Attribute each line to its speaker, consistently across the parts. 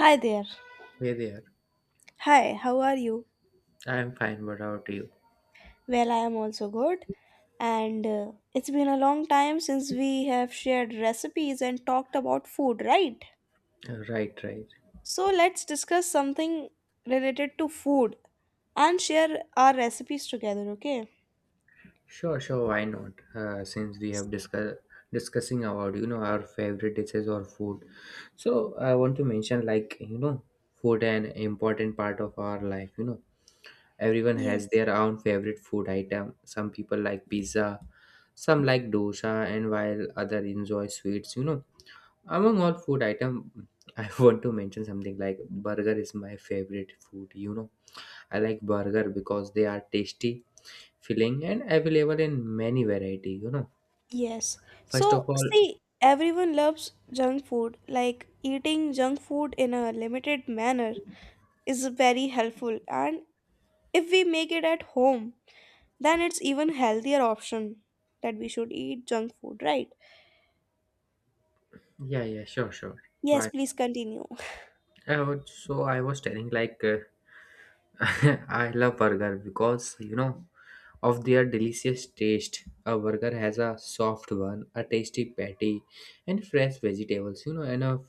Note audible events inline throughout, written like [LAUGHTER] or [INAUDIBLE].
Speaker 1: Hi there.
Speaker 2: Hey there.
Speaker 1: Hi, how are you?
Speaker 2: I'm fine. What about you?
Speaker 1: Well, I am also good. And It's been a long time since we have shared recipes and talked about food, right?
Speaker 2: Right, right.
Speaker 1: So let's discuss something related to food and share our recipes together, okay?
Speaker 2: Sure, sure. Why not? Since we have discussing about our favorite dishes or food, so I want to mention like food an important part of our life. Everyone has
Speaker 1: Yes.
Speaker 2: their own favorite food item. Some people like pizza, some like dosa, and while other enjoy sweets. Among all food item, [LAUGHS] I want to mention something like burger is my favorite food. I like burger because they are tasty, filling, and available in many variety.
Speaker 1: Yes.
Speaker 2: First
Speaker 1: So,
Speaker 2: of all,
Speaker 1: see, everyone loves junk food. Like eating junk food in a limited manner is very helpful. And if we make it at home, then it's even healthier option that we should eat junk food, right?
Speaker 2: yeah, yeah, sure, sure.
Speaker 1: Yes,
Speaker 2: Why?
Speaker 1: please continue.
Speaker 2: I would, so I was telling like [LAUGHS] I love burger because of their delicious taste. A burger has a soft one, a tasty patty, and fresh vegetables. And a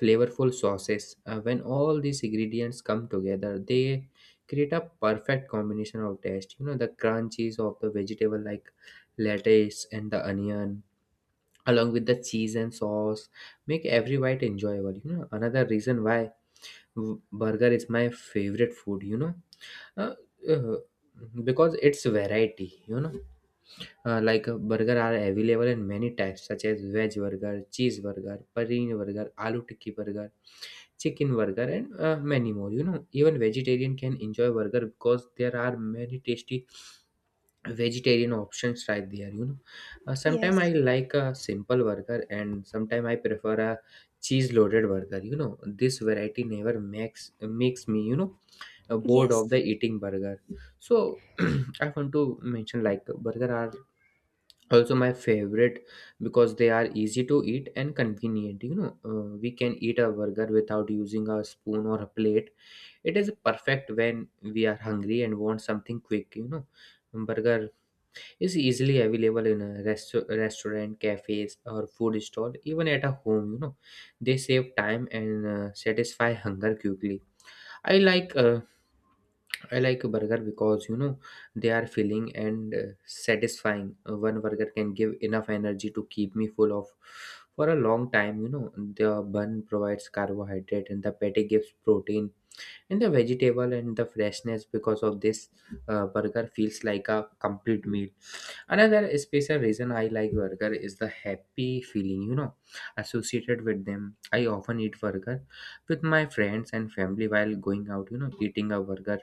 Speaker 2: flavorful sauces. When all these ingredients come together, they create a perfect combination of taste. The crunchies of the vegetable like lettuce and the onion, along with the cheese and sauce, make every bite enjoyable. Another reason why burger is my favorite food. Uh, uh, because it's variety. Burger are available in many types, such as veg burger, cheese burger, paneer burger, aloo tikki burger chicken burger and many more, you know Even vegetarian can enjoy burger because there are many tasty vegetarian options right there. Sometimes I
Speaker 1: Yes,
Speaker 2: like a simple burger and sometimes I prefer a cheese loaded burger. This variety never makes me, you know bored
Speaker 1: yes,
Speaker 2: of the eating burger. So [CLEARS THROAT] I want to mention like burger are also my favorite because they are easy to eat and convenient. We can eat a burger without using a spoon or a plate. It is perfect when we are hungry and want something quick. Burger is easily available in a restaurant cafes or food stall even at a home. They save time and satisfy hunger quickly. i like uh, I like burger because they are filling and satisfying. One burger can give enough energy to keep me full of for a long time. The bun provides carbohydrate and the patty gives protein and the vegetable and the freshness. Because of this burger feels like a complete meal. Another special reason I like burger is the happy feeling, associated with them. I often eat burger with my friends and family while going out, eating a burger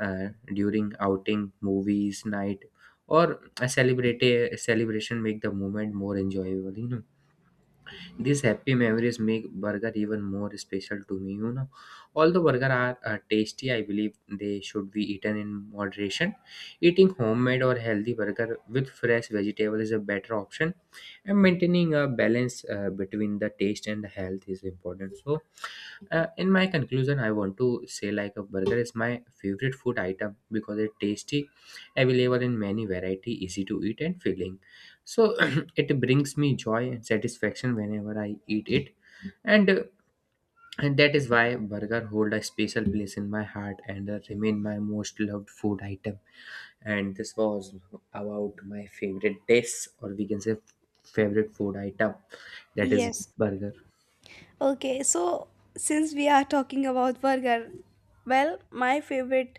Speaker 2: uh, during outing, movies, night, or a celebration make the moment more enjoyable. These happy memories make burger even more special to me. Although burger are tasty I believe they should be eaten in moderation. Eating homemade or healthy burger with fresh vegetable is a better option, and maintaining a balance between the taste and the health is important. So in my conclusion I want to say like a burger is my favorite food item because it's tasty, available in many variety, easy to eat, and filling. So [CLEARS THROAT] it brings me joy and satisfaction whenever I eat it. And, uh, and that is why burger hold a special place in my heart and remain my most loved food item. And this was about my favorite dish, or we can say favorite food item, that is
Speaker 1: yes.
Speaker 2: burger.
Speaker 1: Okay, so since we are talking about burger, well, my favorite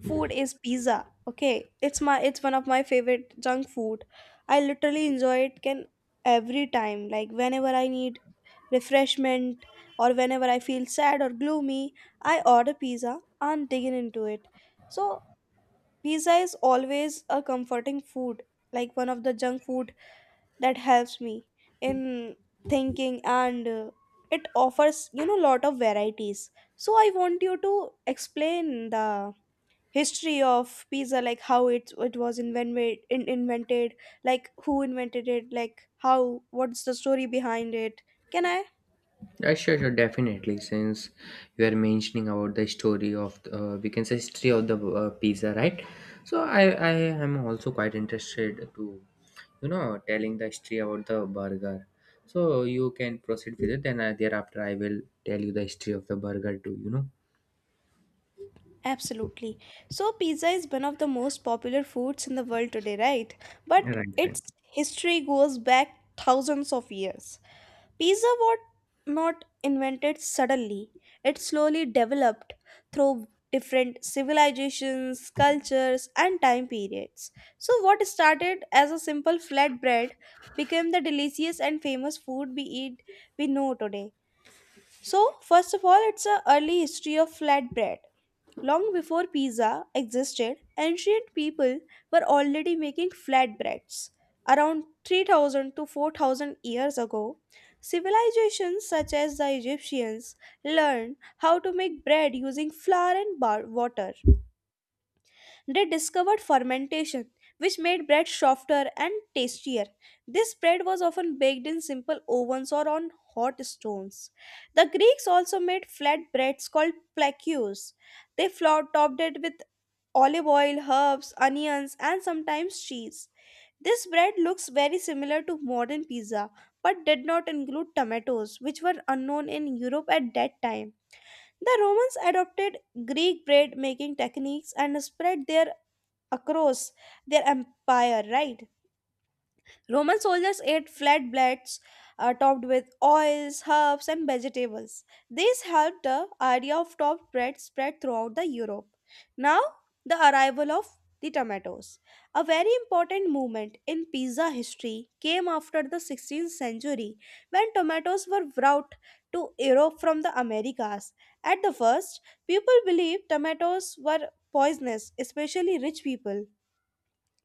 Speaker 1: food is pizza. Okay, it's my, it's one of my favorite junk food. I literally enjoy it, can every time, like whenever I need refreshment or whenever I feel sad or gloomy, I order pizza and dig in into it. So pizza is always a comforting food, like one of the junk food that helps me in thinking and it offers, you know, lot of varieties. So I want you to explain the history of pizza, like how it was invented like who invented it, like how, what's the story behind it, can I?
Speaker 2: Yeah, sure, sure, definitely. Since you are mentioning about the story of, we can say, history of the pizza, right, so I am also quite interested to telling the history about the burger. So you can proceed with it, and thereafter I will tell you the history of the burger too.
Speaker 1: Absolutely. So, pizza is one of the most popular foods in the world today, right? But
Speaker 2: Right, right.
Speaker 1: its history goes back thousands of years. Pizza was not invented suddenly, it slowly developed through different civilizations, cultures, and time periods. So, what started as a simple flatbread became the delicious and famous food we know today. So, first of all, it's a early history of flatbread. Long before pizza existed, ancient people were already making flatbreads. Around 3000 to 4000 years ago, civilizations such as the Egyptians learned how to make bread using flour and water. They discovered fermentation, which made bread softer and tastier. This bread was often baked in simple ovens or on hot stones. The Greeks also made flatbreads called plakios. They flour topped it with olive oil, herbs, onions, and sometimes cheese. This bread looks very similar to modern pizza but did not include tomatoes, which were unknown in Europe at that time. The Romans adopted Greek bread making techniques and spread their across their empire, right? Roman soldiers ate flatbreads topped with oils, herbs, and vegetables. This helped the idea of topped bread spread throughout the Europe. Now, the arrival of the tomatoes. A very important movement in pizza history came after the 16th century when tomatoes were brought to Europe from the Americas. At the first, people believed tomatoes were poisonous, especially rich people.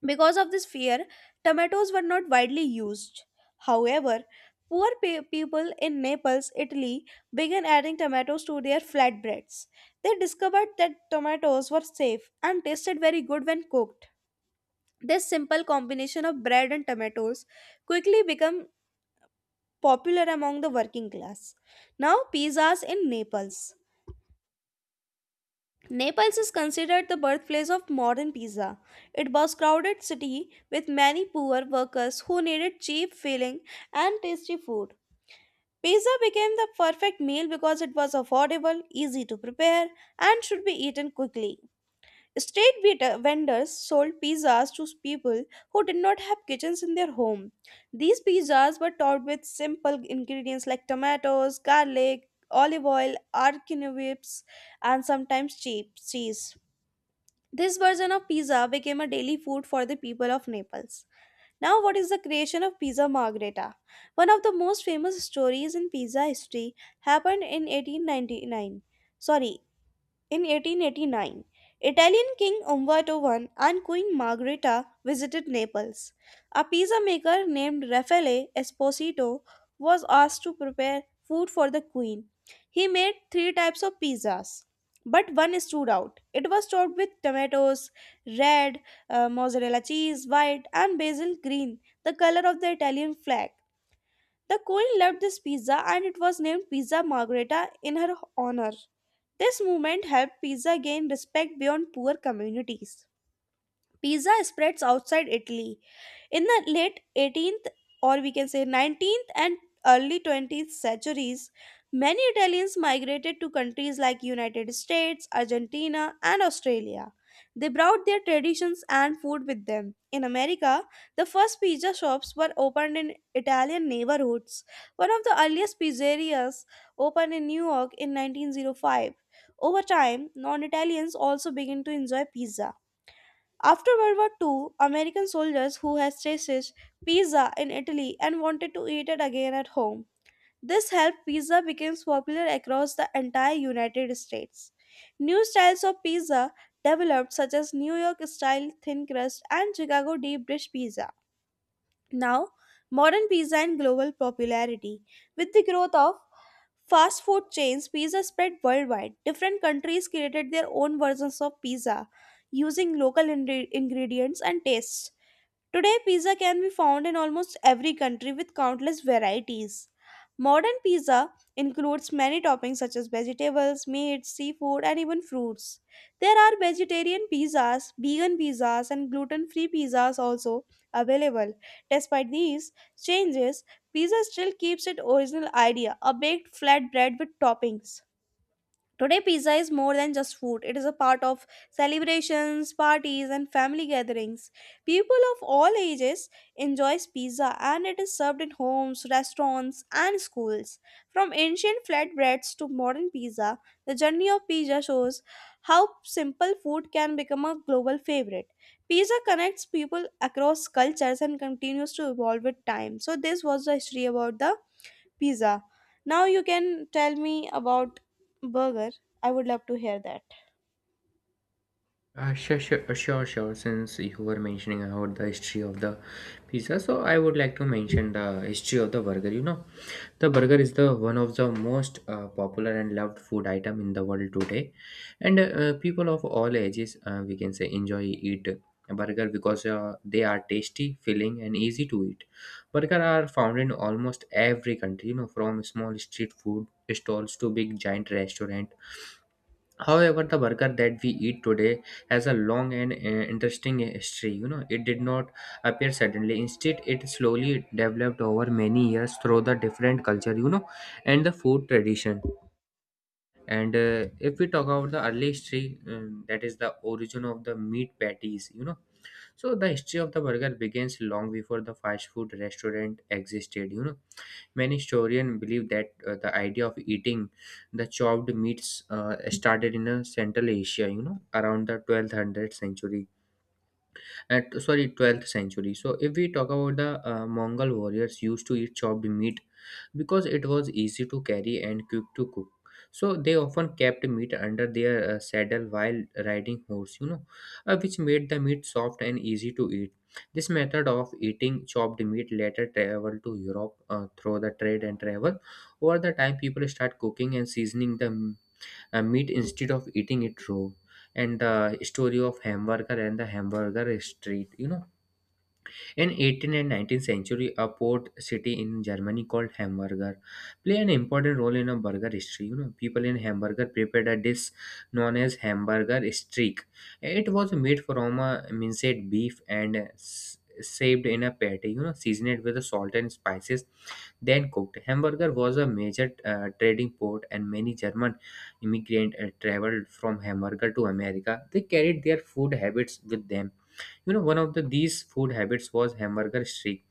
Speaker 1: Because of this fear, tomatoes were not widely used. However, people in Naples, Italy, began adding tomatoes to their flatbreads. They discovered that tomatoes were safe and tasted very good when cooked. This simple combination of bread and tomatoes quickly became popular among the working class. Now, pizzas in Naples. Naples is considered the birthplace of modern pizza. It was a crowded city with many poor workers who needed cheap filling and tasty food. Pizza became the perfect meal because it was affordable, easy to prepare, and should be eaten quickly. Street vendors sold pizzas to people who did not have kitchens in their home. These pizzas were topped with simple ingredients like tomatoes, garlic, olive oil, arachidonics, and sometimes cheap cheese. This version of pizza became a daily food for the people of Naples. Now, what is the creation of Pizza Margherita? One of the most famous stories in pizza history happened in 1899. Sorry, in 1889, Italian King Umberto I and Queen Margherita visited Naples. A pizza maker named Raffaele Esposito was asked to prepare food for the queen. He made three types of pizzas, but one stood out. It was topped with tomatoes, red, mozzarella cheese, white, and basil green, the color of the Italian flag. The queen loved this pizza and it was named Pizza Margherita in her honor. This movement helped pizza gain respect beyond poor communities. Pizza spreads outside Italy. In the late 18th, or we can say 19th and early 20th centuries, many Italians migrated to countries like United States, Argentina, and Australia. They brought their traditions and food with them. In America, the first pizza shops were opened in Italian neighborhoods. One of the earliest pizzerias opened in New York in 1905. Over time, non Italians also began to enjoy pizza. After World War II, American soldiers who had tasted pizza in Italy and wanted to eat it again at home. This helped pizza become popular across the entire United States. New styles of pizza developed, such as New York style thin crust and Chicago deep dish pizza. Now, modern pizza and global popularity. With the growth of fast food chains, pizza spread worldwide. Different countries created their own versions of pizza using local ingredients and tastes. Today, pizza can be found in almost every country with countless varieties. Modern pizza includes many toppings such as vegetables, meat, seafood, and even fruits. There are vegetarian pizzas, vegan pizzas, and gluten free pizzas also available. Despite these changes, pizza still keeps its original idea, a baked flatbread with toppings. Today, pizza is more than just food. It is a part of celebrations, parties, and family gatherings. People of all ages enjoys pizza and it is served in homes, restaurants, and schools. From ancient flatbreads to modern pizza, the journey of pizza shows how simple food can become a global favorite. Pizza connects people across cultures and continues to evolve with time. So this was the history about the pizza. Now you can tell me about burger. I would love to hear that.
Speaker 2: Sure, sure, sure, sure. Since you were mentioning about the history of the pizza, so I would like to mention the history of the burger. The burger is the one of the most popular and loved food item in the world today, and people of all ages, we can say, enjoy eat a burger because they are tasty, filling, and easy to eat. Burger are found in almost every country, from small street food stalls to big giant restaurant. However, the burger that we eat today has a long and interesting history. It did not appear suddenly. Instead, it slowly developed over many years through the different culture, and the food tradition. And if we talk about the early history, that is the origin of the meat patties. So the history of the burger begins long before the fast food restaurant existed. Many historians believe that the idea of eating the chopped meats started in Central Asia, around the 12th 100th century, at, sorry, 12th century. So if we talk about the mongol warriors used to eat chopped meat because it was easy to carry and quick to cook. So they often kept meat under their saddle while riding horse, which made the meat soft and easy to eat. This method of eating chopped meat later traveled to europe through the trade and travel. Over the time people start cooking and seasoning the meat instead of eating it raw. And the story of hamburger and the hamburger street. In 18th and 19th century, a port city in Germany called Hamburger played an important role in a burger history. People in Hamburger prepared a dish known as Hamburger Streak. It was made from a minced beef and saved in a patty, seasoned with salt and spices, then cooked. Hamburger was a major trading port, and many German immigrants traveled from Hamburger to America. They carried their food habits with them. One of the these food habits was hamburger streak.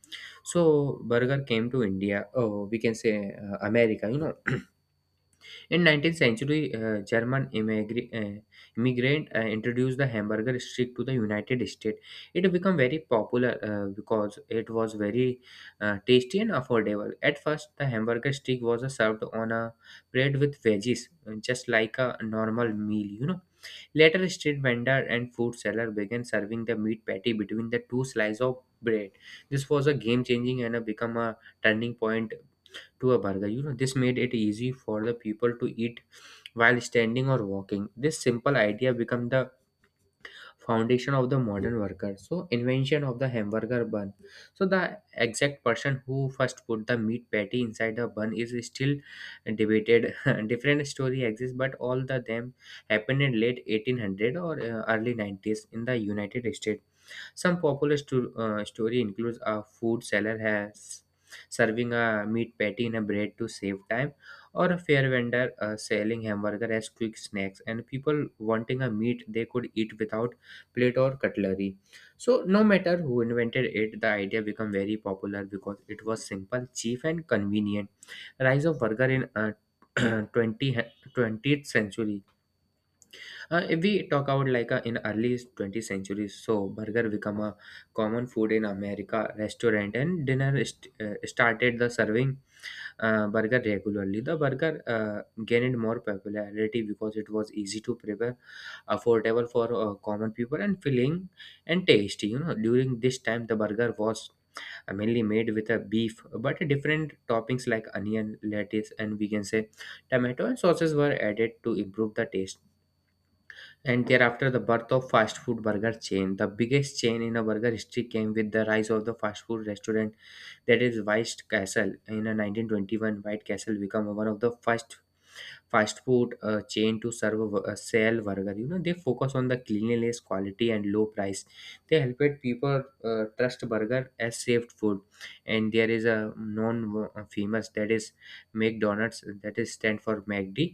Speaker 2: So burger came to india, oh we can say, america. In 19th century, German immigrant introduced the hamburger stick to the United States. It became very popular because it was very tasty and affordable. At first, the hamburger stick was served on a plate with veggies, just like a normal meal. Later, street vendor and food seller began serving the meat patty between the two slices of bread. This was a game changing and a become a turning point to a burger. This made it easy for the people to eat while standing or walking. This simple idea became the foundation of the modern worker. So invention of the hamburger bun. So the exact person who first put the meat patty inside a bun is still debated. [LAUGHS] Different story exists but all the them happened in late 1800 or early 90s in the united states. Some popular story includes a food seller has serving a meat patty in a bread to save time, or a fair vendor selling hamburger as quick snacks, and people wanting a meat they could eat without plate or cutlery. So no matter who invented it, the idea became very popular because it was simple, cheap, and convenient. Rise of burger in [CLEARS THROAT] 20, 20th century. If we talk about like in early 20th century, so burger become a common food in America. Restaurant and dinner started the serving burger regularly. The burger gained more popularity because it was easy to prepare, affordable for common people, and filling and tasty. During this time, the burger was mainly made with a beef, but different toppings like onion, lettuce, and we can say tomato and sauces were added to improve the taste. And thereafter, the birth of fast food burger chain. The biggest chain in a burger history came with the rise of the fast food restaurant that is White Castle. In a 1921, White Castle became one of the first fast food chain to serve sell burger. They focus on the cleanliness quality and low price. They helped people trust burger as safe food. And there is a known famous that is McDonald's, that is stand for mcd.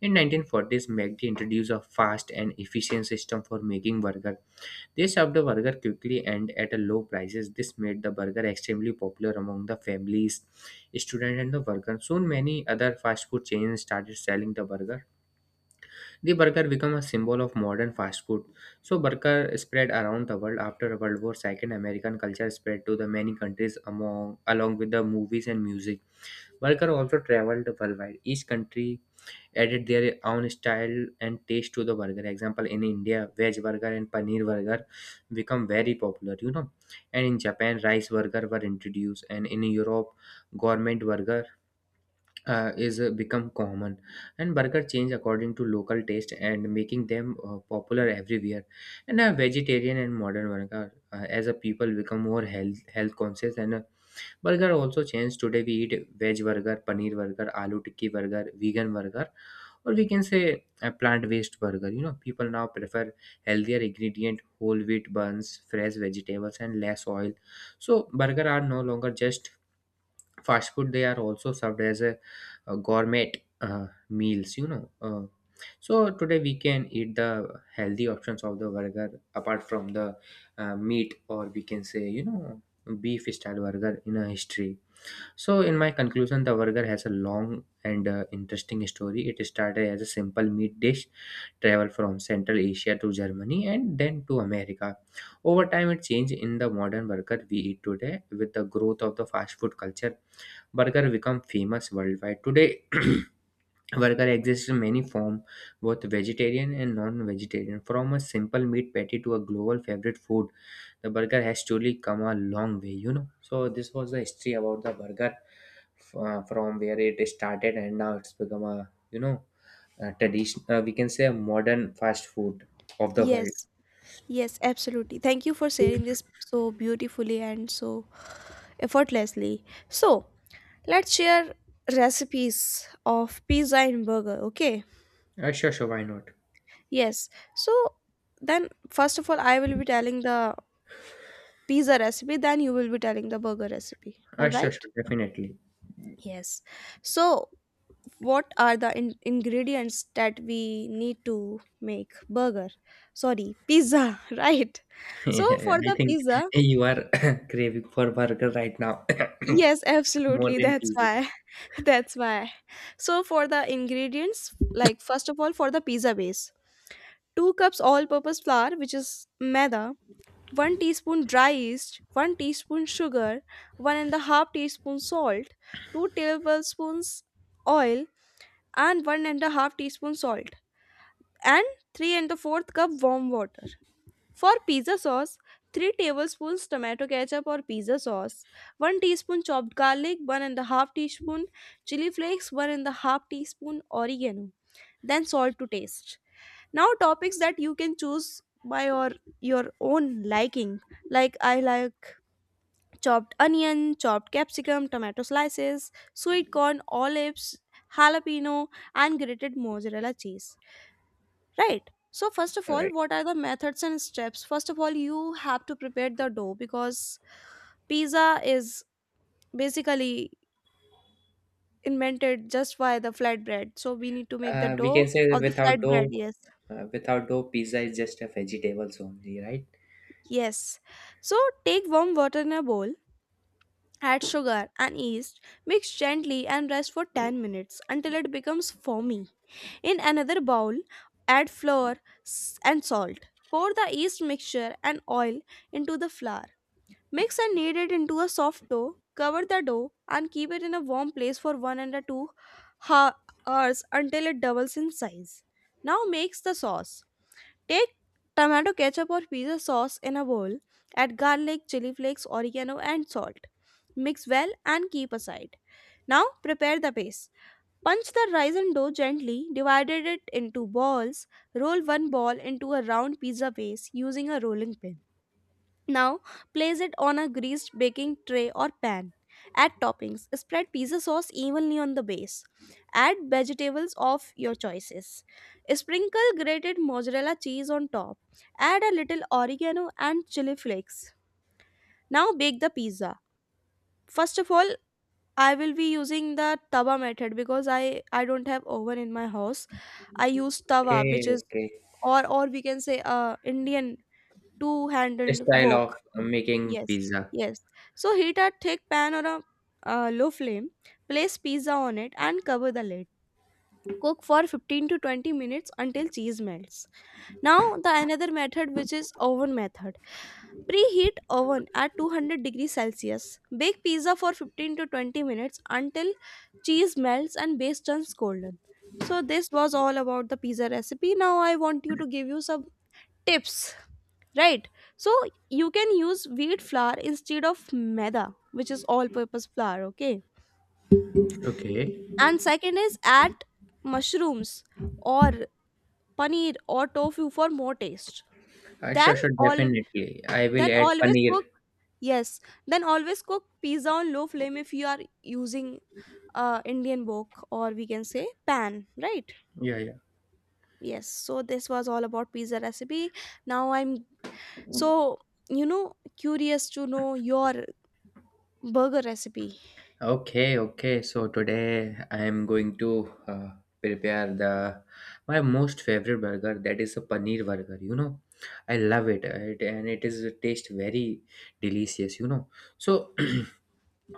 Speaker 2: In 1940s mcd introduced a fast and efficient system for making burger. They served the burger quickly and at a low prices. This made the burger extremely popular among the families, students, and the workers. Soon, many other fast food chains started selling the burger. The burger became a symbol of modern fast food. So, burger spread around the world after World War II. American culture spread to the many countries among along with the movies and music. Burger also traveled worldwide. Each country added their own style and taste to the burger. Example in India, veg burger and paneer burger become very popular. And in Japan, rice burger were introduced, and in Europe, gourmet burger is become common. And burger change according to local taste and making them popular everywhere. And a vegetarian and modern burger as a people become more health conscious and Burger also changed. Today we eat veg burger, paneer burger, aloo tikki burger, vegan burger, or we can say a plant-based burger. People now prefer healthier ingredient, whole wheat buns, fresh vegetables, and less oil. So burger are no longer just fast food; they are also served as a gourmet meals. Uh, so today we can eat the healthy options of the burger apart from the meat, or we can say beef style burger in a history. So, in my conclusion, the burger has a long and interesting story. It started as a simple meat dish, traveled from Central Asia to Germany and then to America. Over time, it changed in the modern burger we eat today with the growth of the fast food culture. Burger become famous worldwide today. [CLEARS THROAT] Burger exists in many forms, both vegetarian and non-vegetarian. From a simple meat patty to a global favorite food, the burger has truly come a long way. So this was the history about the burger, from where it started, and now it's become a tradition. We can say a modern fast food of the world.
Speaker 1: Yes, yes, absolutely. Thank you for sharing this so beautifully and so effortlessly. So, let's share recipes of pizza and burger, okay?
Speaker 2: Sure, sure, why not?
Speaker 1: Yes. So, then first of all, I will be telling the pizza recipe, then you will be telling the burger recipe, all
Speaker 2: Sure,
Speaker 1: right?
Speaker 2: sure, definitely.
Speaker 1: Yes. So, what are the ingredients that we need to make burger, sorry, pizza [LAUGHS] right?
Speaker 2: [LAUGHS]
Speaker 1: So for
Speaker 2: I
Speaker 1: the
Speaker 2: think
Speaker 1: pizza,
Speaker 2: you are [COUGHS] craving for burger right now
Speaker 1: yes,
Speaker 2: [COUGHS] more
Speaker 1: absolutely,
Speaker 2: than
Speaker 1: that's
Speaker 2: pizza.
Speaker 1: why. [LAUGHS] That's why. So for the ingredients, like first of all, for the pizza base: 2 cups all purpose flour, which is maida, 1 teaspoon dry yeast, 1 teaspoon sugar, 1.5 teaspoon salt, 2 tablespoons oil, and 1.5 teaspoon salt, and 3 and the fourth cup warm water. For pizza sauce: 3 tablespoons tomato ketchup or pizza sauce, 1 teaspoon chopped garlic, 1.5 teaspoon chili flakes, 1.5 teaspoon oregano, then salt to taste. Now, topics that you can choose by your own liking, like I like chopped onion, chopped capsicum, tomato slices, sweet corn, olives, jalapeno, and grated mozzarella cheese. Right. So first of all, what are the methods and steps? First of all, you have to prepare the dough because pizza is basically invented just by the flatbread. So we need to make the
Speaker 2: We
Speaker 1: dough
Speaker 2: can say that
Speaker 1: of the
Speaker 2: without
Speaker 1: flatbread.
Speaker 2: dough,
Speaker 1: Yes.
Speaker 2: uh, without dough, pizza is just a vegetables only, right?
Speaker 1: Yes. So take warm water in a bowl, add sugar and yeast, mix gently and rest for 10 minutes until it becomes foamy. In another bowl, add flour and salt. Pour the yeast mixture and oil into the flour. Mix and knead it into a soft dough. Cover the dough and keep it in a warm place for 1 and a 2 ha- hours until it doubles in size. Now makes the sauce. Take tomato ketchup or pizza sauce in a bowl. Add garlic, chili flakes, oregano and salt. Mix well and keep aside. Now prepare the base. Punch the rice and dough gently, divided it into balls. Roll one ball into a round pizza base using a rolling pin. Now, place it on a greased baking tray or pan. Add toppings. Spread pizza sauce evenly on the base. Add vegetables of your choices. Sprinkle grated mozzarella cheese on top. Add a little oregano and chili flakes. Now bake the pizza. First of all, I will be using the tawa method because I don't have oven in my house. I use tawa,
Speaker 2: Okay,
Speaker 1: which is,
Speaker 2: okay.
Speaker 1: or we can say Indian two
Speaker 2: The
Speaker 1: handled
Speaker 2: style
Speaker 1: wok.
Speaker 2: of making
Speaker 1: Yes,
Speaker 2: pizza.
Speaker 1: yes. So heat a thick pan or a low flame, place pizza on it and cover the lid. Cook for 15 to 20 minutes until cheese melts. Now the another method, which is oven method. Preheat oven at 200 degrees Celsius. Bake pizza for 15 to 20 minutes until cheese melts and base turns golden. So this was all about the pizza recipe. Now I want you to give you some tips, right? So you can use wheat flour instead of maida, which is all purpose flour, okay?
Speaker 2: Okay.
Speaker 1: And second is add mushrooms or paneer or tofu for more taste.
Speaker 2: Sure,
Speaker 1: then
Speaker 2: sure,
Speaker 1: all
Speaker 2: definitely. I will
Speaker 1: then
Speaker 2: add
Speaker 1: always
Speaker 2: paneer.
Speaker 1: cook, yes, then always cook pizza on low flame if you are using Indian wok, or we can say pan, right?
Speaker 2: Yeah, yeah.
Speaker 1: Yes, so this was all about pizza recipe. Now I'm, so, you know, curious to know your burger recipe.
Speaker 2: Okay, okay. So today I am going to prepare the my most favorite burger. That is a paneer burger. You know, I love it and it is taste very delicious. So. [CLEARS THROAT]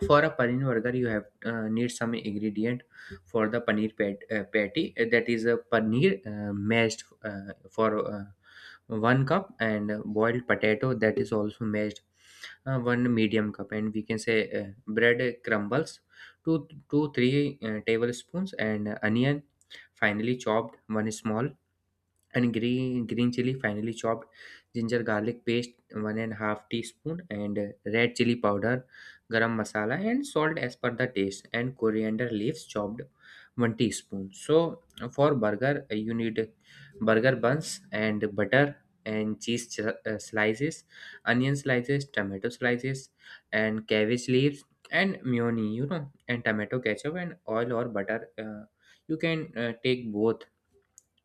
Speaker 2: For a paneer burger, you have need some ingredient. For the paneer patty, that is a paneer mashed, for 1 cup, and boiled potato that is also mashed, one medium cup, and we can say bread crumbles two two three tablespoons, and onion finely chopped, one small, and green chili finely chopped, ginger garlic paste 1.5 teaspoon, and red chili powder, garam masala, and salt as per the taste, and coriander leaves chopped 1 teaspoon. So for burger you need burger buns and butter, and cheese slices, onion slices, tomato slices, and cabbage leaves, and mayonnaise, and tomato ketchup, and oil or butter. You can take both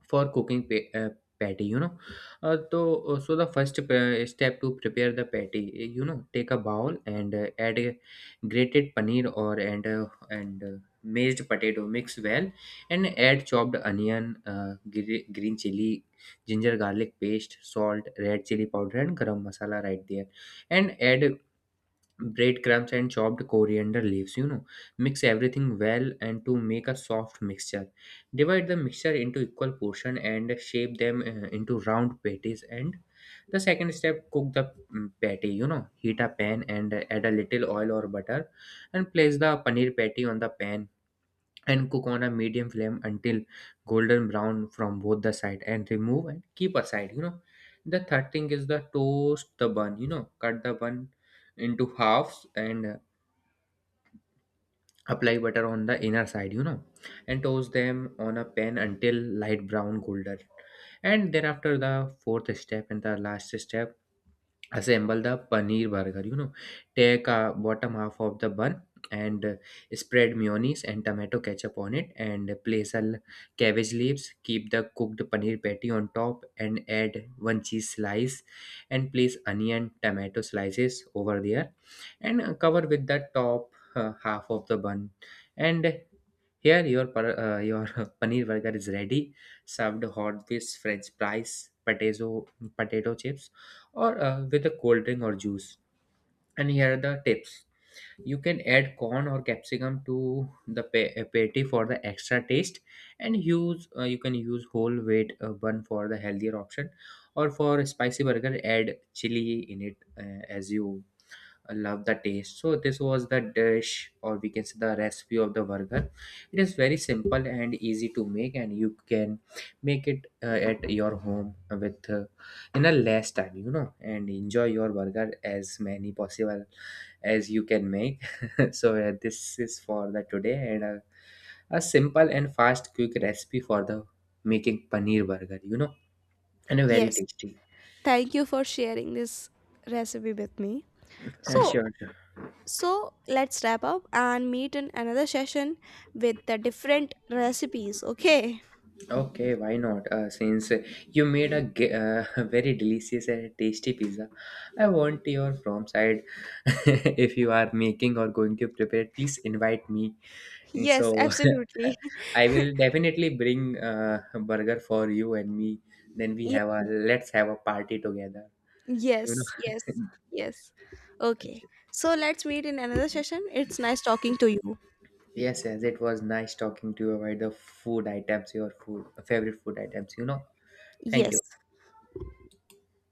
Speaker 2: for cooking patty, you know uh, so uh, so the first step to prepare the patty, take a bowl and add a grated paneer, or and mashed potato. Mix well, and add chopped onion, green chili, ginger garlic paste, salt, red chili powder, and garam masala right there. And add breadcrumbs and chopped coriander leaves. Mix everything well and to make a soft mixture. Divide the mixture into equal portion and shape them into round patties. And the second step, cook the patty, heat a pan and add a little oil or butter, and place the paneer patty on the pan, and cook on a medium flame until golden brown from both the side, and remove and keep aside. The third thing is the toast the bun. Cut the bun into halves, and apply butter on the inner side, and toast them on a pan until light brown golden. And thereafter, the fourth step and the last step, assemble the paneer burger. Take a bottom half of the bun and spread mayonnaise and tomato ketchup on it, and place cabbage leaves. Keep the cooked paneer patty on top, and add one cheese slice, and place onion, tomato slices over there, and cover with the top half of the bun, and here, your [LAUGHS] paneer burger is ready, served hot with French fries, potato chips, or with a cold drink or juice. And here are the tips: you can add corn or capsicum to the patty for the extra taste, and use you can use whole wheat bun for the healthier option, or for spicy burger, add chili in it as you I love the taste. So this was the dish, or we can say the recipe of the burger. It is very simple and easy to make, and you can make it at your home with in a less time, and enjoy your burger as many possible as you can make. [LAUGHS] So this is for the today, and a simple and fast quick recipe for the making paneer burger, and a very
Speaker 1: Yes.
Speaker 2: tasty.
Speaker 1: Thank you for sharing this recipe with me.
Speaker 2: Uh,
Speaker 1: So,
Speaker 2: sure, sure.
Speaker 1: so let's wrap up and meet in another session with the different recipes, okay?
Speaker 2: Okay, why not? Since you made a [LAUGHS] very delicious and tasty pizza, I want your from side. [LAUGHS] If you are making or going to prepare, please invite me.
Speaker 1: Yes,
Speaker 2: So
Speaker 1: absolutely.
Speaker 2: [LAUGHS] I will definitely bring a burger for you and me. Then
Speaker 1: [LAUGHS]
Speaker 2: we
Speaker 1: Ye-
Speaker 2: have a let's have a party together. You
Speaker 1: yes, yes,
Speaker 2: know. [LAUGHS]
Speaker 1: yes. Okay. So let's meet in another session. It's nice talking to you.
Speaker 2: Yes, yes. It was nice talking to you about the food items, your food favorite food items. Thank you.
Speaker 1: Yes.